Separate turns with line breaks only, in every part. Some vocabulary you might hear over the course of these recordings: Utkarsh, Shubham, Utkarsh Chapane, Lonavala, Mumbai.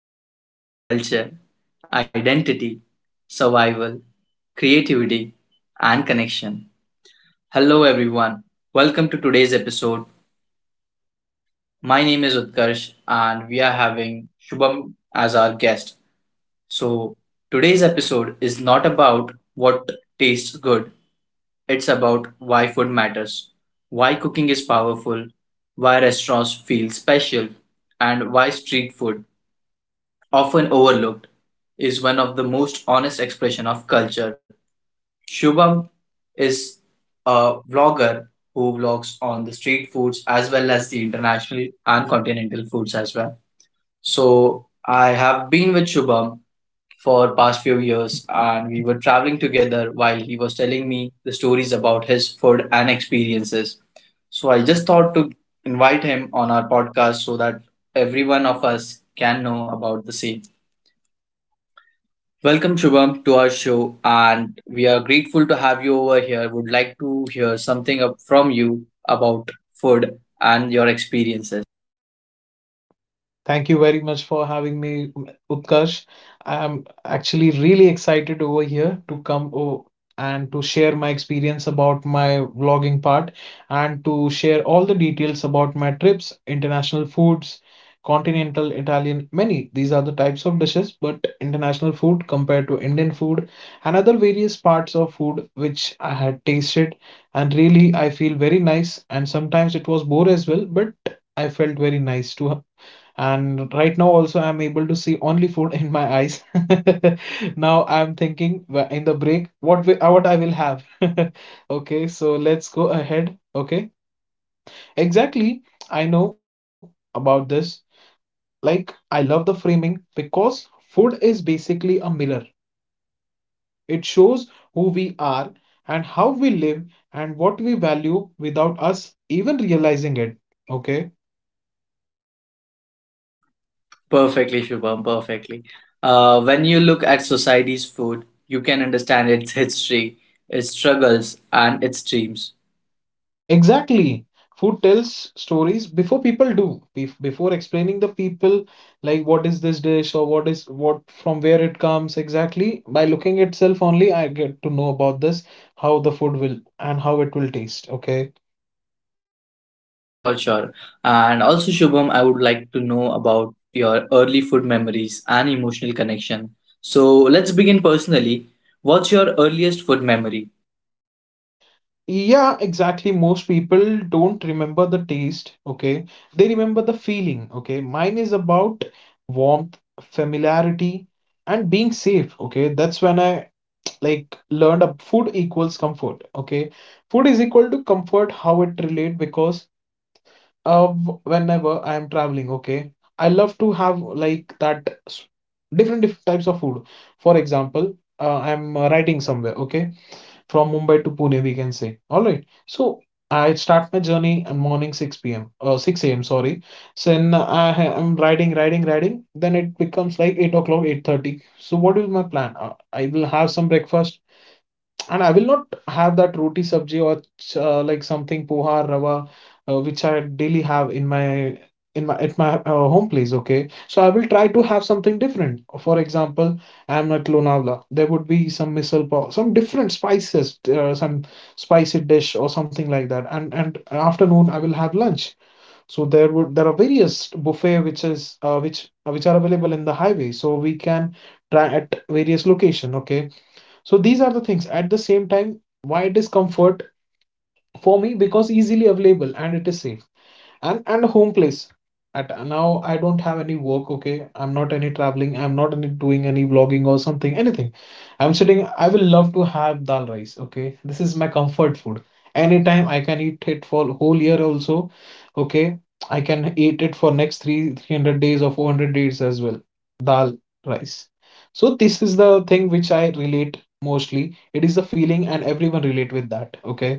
memory, culture, identity, survival, creativity, and connection. Hello everyone. Welcome to today's episode. My name is Utkarsh and we are having Shubham as our guest. So, today's episode is not about what tastes good, it's about why food matters, why cooking is powerful, why restaurants feel special, and why street food, often overlooked, is one of the most honest expression of culture. Shubham is a vlogger who vlogs on the street foods as well as the international and continental foods as well. So I have been with Shubham for past few years and we were traveling together while he was telling me the stories about his food and experiences. So I just thought to invite him on our podcast so that every one of us can know about the same. Welcome Shubham to our show and we are grateful to have you over here. Would like to hear something up from you about food and your experiences.
Thank you very much for having me, Utkarsh. I'm actually really excited over here to and to share my experience about my vlogging part and to share all the details about my trips, international foods, continental Italian, many. These are the types of dishes, but international food compared to Indian food and other various parts of food which I had tasted. And really, I feel very nice. And sometimes it was bore as well, but I felt very nice to, and right now also I'm able to see only food in my eyes. Now I'm thinking in the break what I will have. Okay, so let's go ahead. Okay. Exactly. I know about this. Like, I love the framing because food is basically a mirror. It shows who we are and how we live and what we value without us even realizing it. Okay.
Perfectly, Shubham, perfectly. When you look at society's food, you can understand its history, its struggles, and its dreams,
Exactly. Food tells stories before people do. Before explaining the people, like what is this dish or what is what from where it comes exactly. By looking itself only, I get to know about this, how the food will and how it will taste. Okay.
for sure. And also, Shubham, I would like to know about your early food memories and emotional connection. So let's begin personally. What's your earliest food memory?
Yeah, exactly. Most people don't remember the taste. Okay. They remember the feeling. Okay. Mine is about warmth, familiarity, and being safe. Okay. That's when I like learned up food equals comfort. Okay, food is equal to comfort. How it relate? Because uh whenever I am traveling, okay, I love to have like that different different types of food. For example, I'm writing somewhere, okay, from Mumbai to Pune we can say, all right? So I start my journey in morning 6 p.m. 6 a.m., sorry. So then I'm riding riding riding. Then it becomes like 8 o'clock, 8:30. So what is my plan? I will have some breakfast, and I will not have that roti sabji or like something poha rava, which I daily have in my at my home place. Okay, so I will try to have something different. For example, I am at Lonavala. There would be some misal pav, some different spices, some spicy dish or something like that. And afternoon I will have lunch. So there are various buffet which is which are available in the highway. So we can try at various location. Okay, so these are the things. At the same time, why it is comfort for me? Because easily available and it is safe. And home place, at now I don't have any work. Okay, I'm not any traveling, I'm not any doing any vlogging or something anything. I'm sitting, I will love to have dal rice. Okay, this is my comfort food. Anytime I can eat it for whole year also. Okay, I can eat it for next three 300 days or 400 days as well. Dal rice. So this is the thing which I relate mostly. It is the feeling and everyone relate with that. Okay.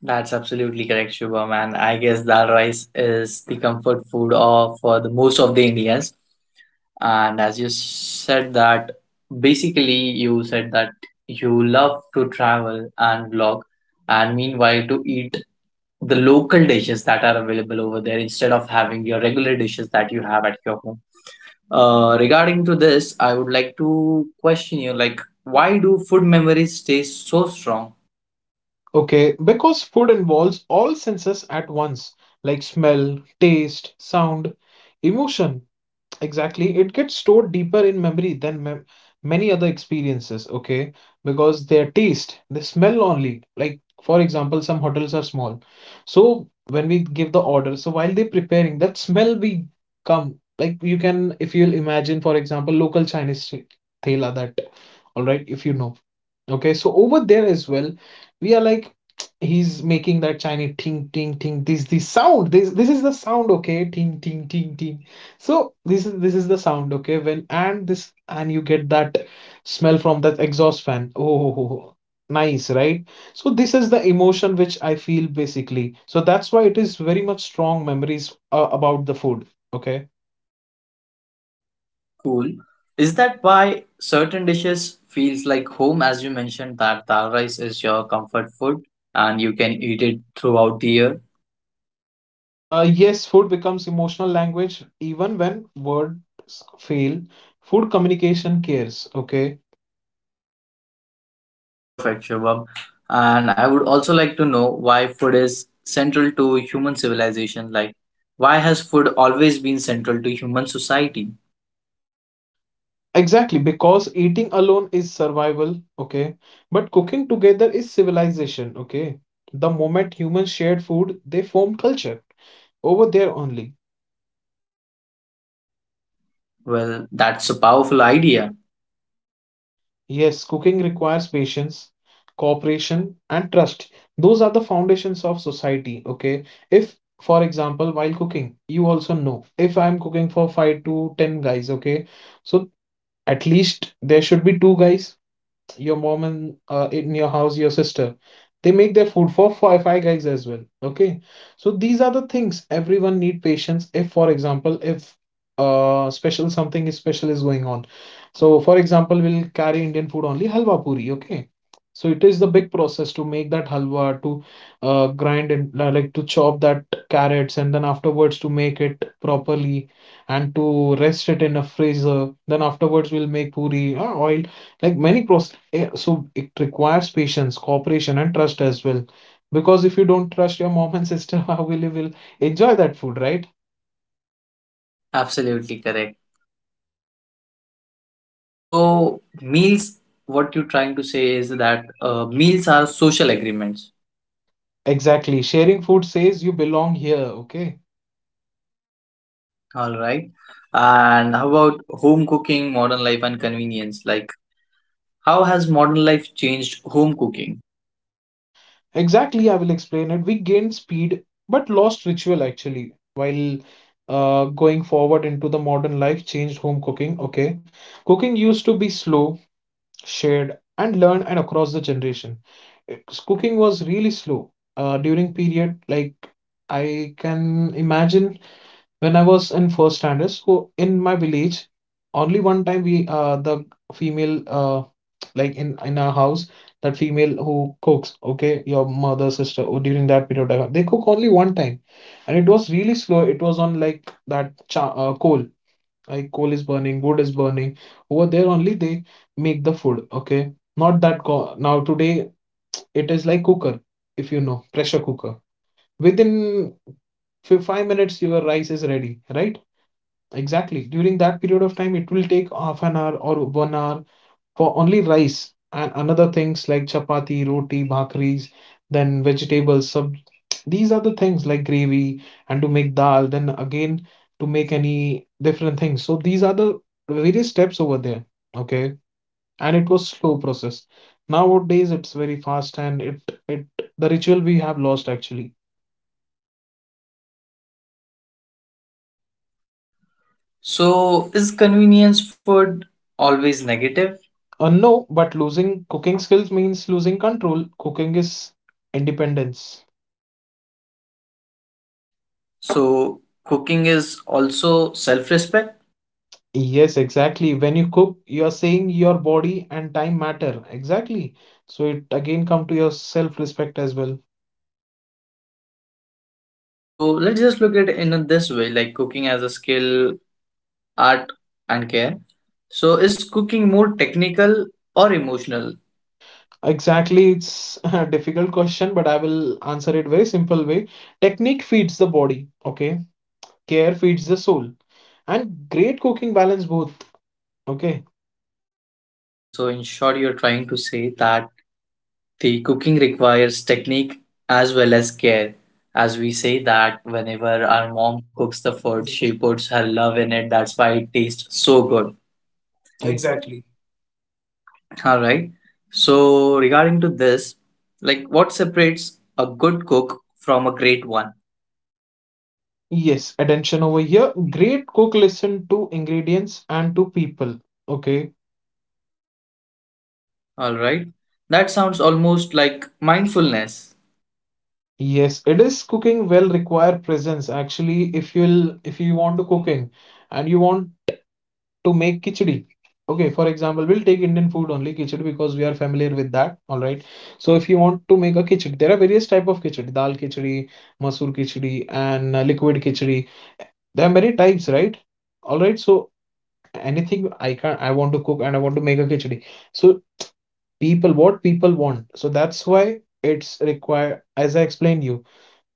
That's absolutely correct, Shubham. And I guess dal rice is the comfort food of for the most of the Indians. And as you said that, basically you said that you love to travel and vlog, and meanwhile to eat the local dishes that are available over there instead of having your regular dishes that you have at your home. Regarding to this, I would like to question you, like, why do food memories stay so strong?
Okay, because food involves all senses at once, like smell, taste, sound, emotion. Exactly. It gets stored deeper in memory than mem many other experiences, okay? Because their taste, they smell only. Like, for example, some hotels are small. So when we give the order, so while they're preparing, that smell we come. Like you can, if you'll imagine, for example, local Chinese thela that, all right, if you know. Okay, so over there as well, we are like, he's making that Chinese ting ting ting. This sound. This is the sound. Okay, ting ting ting ting. So this is the sound, okay? When and this and you get that smell from that exhaust fan. Oh, nice, right? So this is the emotion which I feel basically. So that's why it is very much strong memories about the food, okay?
Cool. Is that why certain dishes feels like home, as you mentioned that dal rice is your comfort food and you can eat it throughout the year?
Yes, food becomes emotional language even when words fail. Food communication cares, okay?
Perfect, Shubham. And I would also like to know why food is central to human civilization. Like, why has food always been central to human society?
Exactly, because eating alone is survival, okay? But cooking together is civilization, okay? The moment humans shared food, they formed culture. Over there only.
Well, that's a powerful idea.
Yes, cooking requires patience, cooperation, and trust. Those are the foundations of society, okay? If, for example, while cooking, you also know if I'm cooking for 5 to 10 guys, okay? So at least there should be two guys, your mom and in your house your sister. They make their food for five, five guys as well. Okay, so these are the things. Everyone need patience. If, for example, if special something is special is going on. So for example, we'll carry Indian food only halwa puri. Okay, so it is the big process to make that halwa, to grind and like to chop that carrots, and then afterwards to make it properly and to rest it in a freezer. Then afterwards we'll make puri oil, like many processes. Yeah, so it requires patience, cooperation, and trust as well. Because if you don't trust your mom and sister, how will you will enjoy that food, right?
Absolutely correct. So, meals, what you're trying to say is that meals are social agreements.
Exactly. Sharing food says you belong here, okay?
All right. And how about home cooking, modern life, and convenience? Like, how has modern life changed home cooking?
Exactly, I will explain it. We gained speed but lost ritual actually, while going forward into the modern life, changed home cooking, okay? Cooking used to be slow, shared, and learned and across the generation. Cooking was really slow. During period, like, I can imagine when I was in first standard, so in my village, only one time we the female like in our house, that female who cooks, okay, your mother sister, or during that period of time, they cook only one time. And it was really slow. It was on like that coal, like coal is burning, wood is burning. Over there only, they make the food. Okay, not that now today it is like cooker. If you know, pressure cooker, within 5 minutes your rice is ready, right? Exactly. During that period of time, it will take half an hour or 1 hour for only rice and another things like chapati, roti, bhakris, then vegetables, sub. These are the things, like gravy, and to make dal, then again to make any different things. So these are the various steps over there. Okay. And it was slow process. Nowadays it's very fast, and it the ritual we have lost actually.
So, is convenience food always negative?
No, but losing cooking skills means losing control. Cooking is independence.
So cooking is also self-respect.
Yes, exactly. When you cook, you're saying your body and time matter. Exactly. So it again come to your self-respect as well.
So let's just look at it in this way, like cooking as a skill, art, and care. So is cooking more technical or emotional?
Exactly. It's a difficult question, but I will answer it very simple way. Technique feeds the body, okay? Care feeds the soul. And great cooking balance both, okay?
Okay, so in short, you're trying to say that the cooking requires technique as well as care. As we say that whenever our mom cooks the food, she puts her love in it. That's why it tastes so good.
Exactly.
All right. So regarding to this, like what separates a good cook from a great one?
Yes, attention over here. Great cook listen to ingredients and to people. Okay.
All right. That sounds almost like mindfulness.
Yes, it is cooking will require presence. Actually, if you'll if you want to cooking and you want to make khichdi. Okay, for example, we'll take Indian food only khichdi because we are familiar with that. All right. So if you want to make a khichdi, there are various type of khichdi, dal khichdi, masoor khichdi, and liquid khichdi. There are many types, right? All right. So anything I can I want to cook and I want to make a khichdi. So people, what people want, so that's why it's required. As I explained you,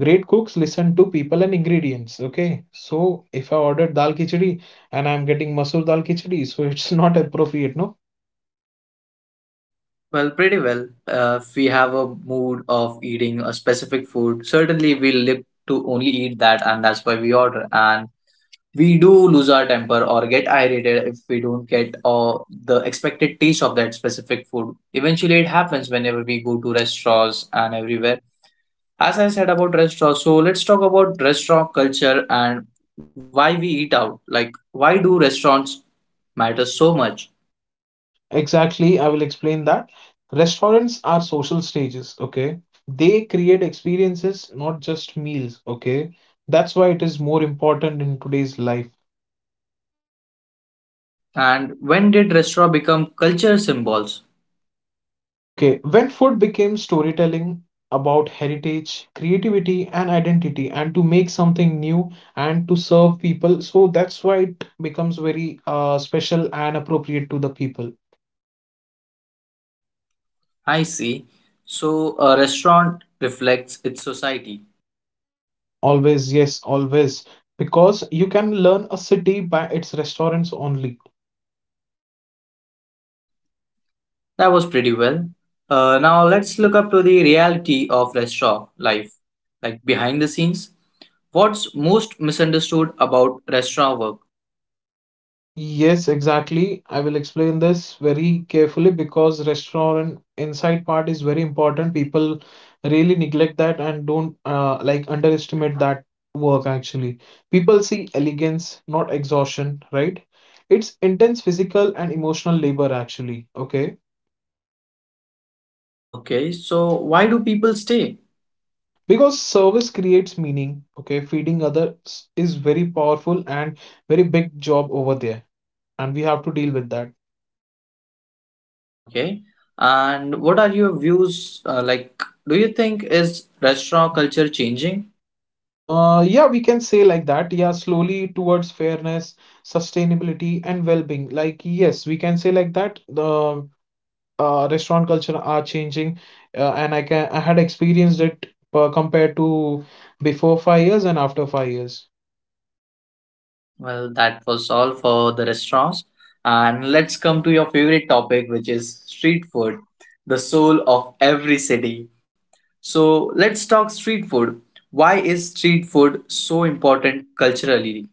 great cooks listen to people and ingredients, okay? So if I ordered dal khichdi and I'm getting masoor dal khichdi, so it's not appropriate, no?
Well, pretty well. If we have a mood of eating a specific food, certainly we live to only eat that, and that's why we order. And we do lose our temper or get irritated if we don't get the expected taste of that specific food. Eventually, it happens whenever we go to restaurants and everywhere. As I said about restaurants, so let's talk about restaurant culture and why we eat out. Like, why do restaurants matter so much?
Exactly, I will explain that. Restaurants are social stages, okay? They create experiences, not just meals, okay? That's why it is more important in today's life.
And when did restaurant become culture symbols?
Okay, when food became storytelling about heritage, creativity, and identity, and to make something new and to serve people, so that's why it becomes very special and appropriate to the people.
I see. So a restaurant reflects its society.
Always, yes, always. Because you can learn a city by its restaurants only.
That was pretty well. Now let's look up to the reality of restaurant life, like behind the scenes. What's most misunderstood about restaurant work?
Yes, exactly. I will explain this very carefully because restaurant inside part is very important. People really neglect that and don't like underestimate that work actually. People see elegance, not exhaustion, right? It's intense physical and emotional labor actually, okay?
Okay, so why do people stay?
Because service creates meaning, okay? Feeding others is very powerful and very big job over there, and we have to deal with that.
Okay. And what are your views? Do you think is restaurant culture changing?
Yeah, we can say like that. Yeah, slowly towards fairness, sustainability, and well-being. Like, yes, we can say like that. The restaurant culture are changing, and I had experienced it compared to before 5 years and after 5 years.
Well, that was all for the restaurants. And let's come to your favorite topic, which is street food, the soul of every city. So let's talk street food. Why is street food so important culturally?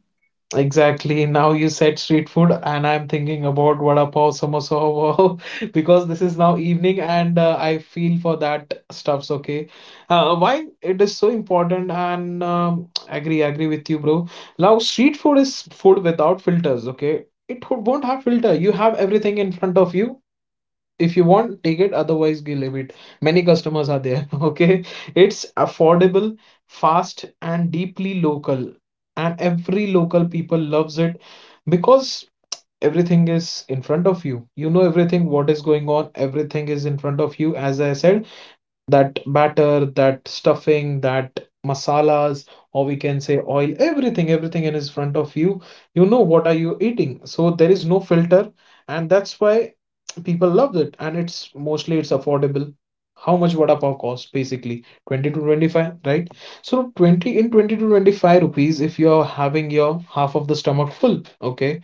Exactly. Now you said street food, and I'm thinking about vada pav, samosa, wow, because this is now evening, and I feel for that stuffs. Okay. Why it is so important? And agree, agree with you, bro. Now street food is food without filters. Okay, it won't have filter. You have everything in front of you. If you want, take it, otherwise you leave it. Many customers are there okay, it's affordable, fast and deeply local, and every local people loves it, because everything is in front of you. You know everything what is going on, everything is in front of you. As I said, that batter, that stuffing, that masalas, or we can say oil, everything, everything in his front of you. You know what are you eating. So there is no filter, and that's why people love it. And it's mostly it's affordable. How much vada pav cost basically? 20 to 25, right? So 20 in 20 to 25 rupees if you are having your half of the stomach full, okay?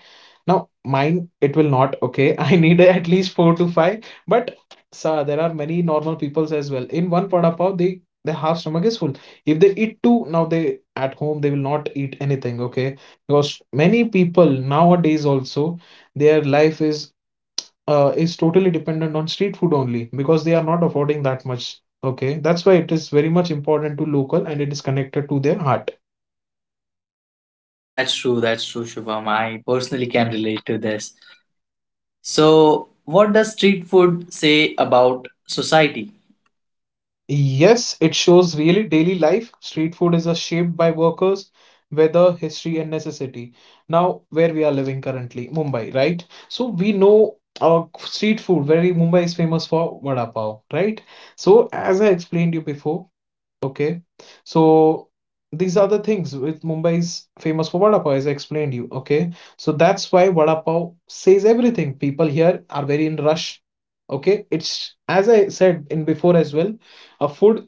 Now mine it will not, okay? I need at least four to five, but so there are many normal peoples as well. In one vada pav, they their half stomach is full. If they eat two, now they at home they will not eat anything. Okay, because many people nowadays also their life is totally dependent on street food only because they are not affording that much. Okay, that's why it is very much important to local and it is connected to their heart.
That's true, Shubham. I personally can relate to this. So, what does street food say about society?
Yes, it shows really daily life. Street food is a shaped by workers, weather, history, and necessity. Now, where we are living currently, Mumbai, right? So we know, street food, very Mumbai is famous for vada pav, right? So as I explained you before. Okay. So these are the things with Mumbai is famous for vada pav, as I explained you. Okay. So that's why vada pav says everything. People here are very in rush. Okay. It's as I said in before as well, a food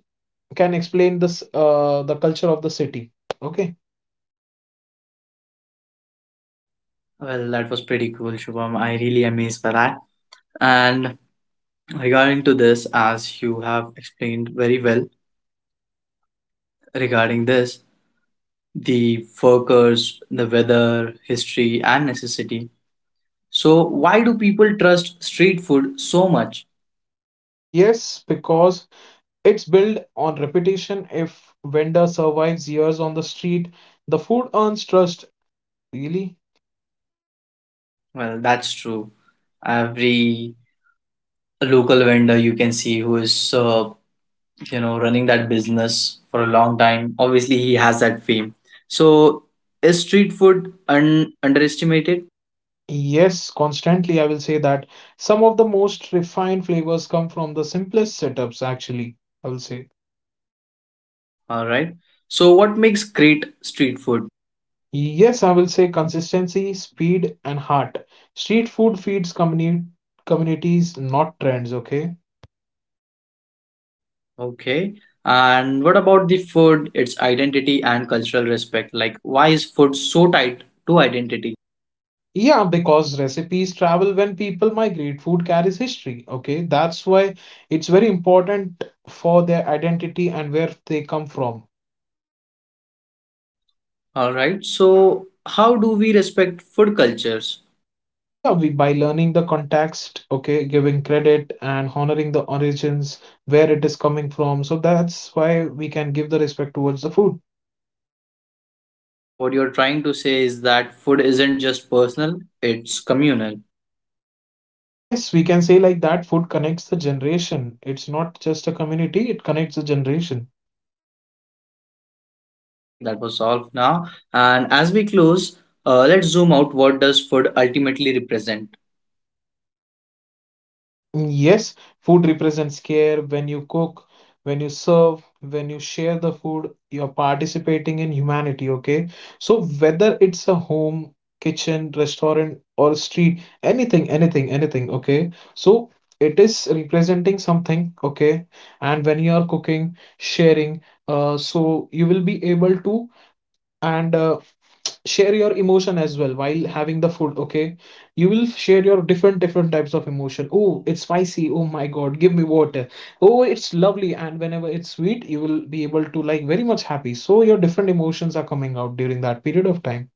can explain this, uh, the culture of the city. Okay.
Well, that was pretty cool, Shubham. I really amazed by that. And regarding to this, as you have explained very well regarding this, the workers, the weather, history, and necessity. So, why do people trust street food so much?
Mm, yes, because it's built on repetition. If vendor survives years on the street, the food earns trust. Really?
Well, that's true. Every local vendor you can see who is, you know, running that business for a long time, obviously he has that fame. So, is street food underestimated?
Yes, constantly I will say that some of the most refined flavors come from the simplest setups, actually. I will say.
All right. So, what makes great street food?
Yes, I will say consistency, speed, and heart. Street food feeds communities, not trends, okay?
Okay. And what about the food, its identity and cultural respect? Like, why is food so tied to identity?
Yeah, because recipes travel when people migrate. Food carries history, okay? That's why it's very important for their identity and where they come from.
All right. So, how do we respect food cultures?
Yeah, we by learning the context, okay, giving credit and honoring the origins, where it is coming from. So that's why we can give the respect towards the food.
So, what you're trying to say is that food isn't just personal, it's communal.
Yes, we can say like that food connects the generation. It's not just a community, it connects the generation.
All right. That was all for now. And as we close, let's zoom out. What does food ultimately represent?
Yes, food represents care. When you cook, when you serve, when you share the food, you're participating in humanity, okay? So whether it's a home, kitchen, restaurant, or street, anything, okay? So it is representing something, okay? And when you are cooking, sharing, so you will be able to and share your emotion as well while having the food. Okay, you will share your different types of emotion. Oh, it's spicy, oh my god, give me water. Oh, it's lovely. And whenever it's sweet, you will be able to like very much happy. So your different emotions are coming out during that period of time.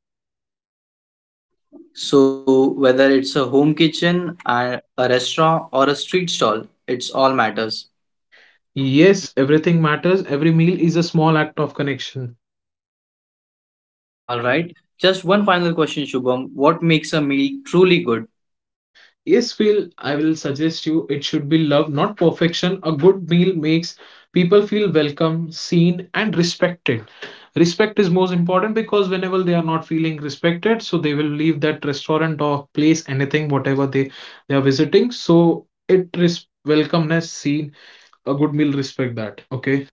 So, whether it's a home kitchen, a restaurant, or a street stall, it's all matters.
Yes, everything matters. Every meal is a small act of connection.
All right. Just one final question, Shubham. What makes a meal truly good?
Yes, Phil, I will suggest you it should be love, not perfection. A good meal makes people feel welcome, seen, and respected. Respect is most important because whenever they are not feeling respected, so they will leave that restaurant or place, anything, whatever they are visiting. So it is welcomeness, seen, a good meal, respect that. Okay.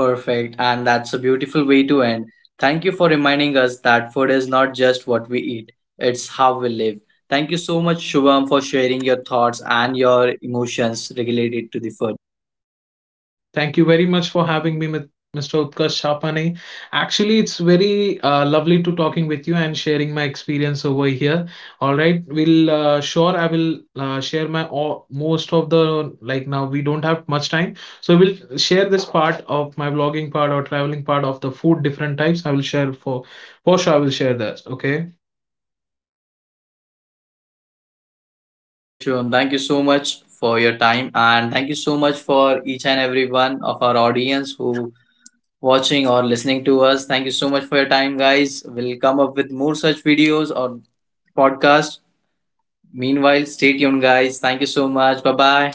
Perfect. And that's a beautiful way to end. Thank you for reminding us that food is not just what we eat, it's how we live. Thank you so much, Shubham, for sharing your thoughts and your emotions related to the food.
Thank you very much for having me, with Mr. Utkarsh Chapane. Actually, it's very lovely to talking with you and sharing my experience over here. All right, we'll, sure I will, share my all, most of the like now we don't have much time, so we'll share this part of my vlogging part or traveling part of the food different types. I will share for sure. I will share that. Okay.
All right, Shubham, thank you so much for your time. And thank you so much for each and every one of our audience who watching or listening to us. Thank you so much for your time, guys. We'll come up with more such videos or podcasts. Meanwhile, stay tuned, guys. Thank you so much. Bye bye.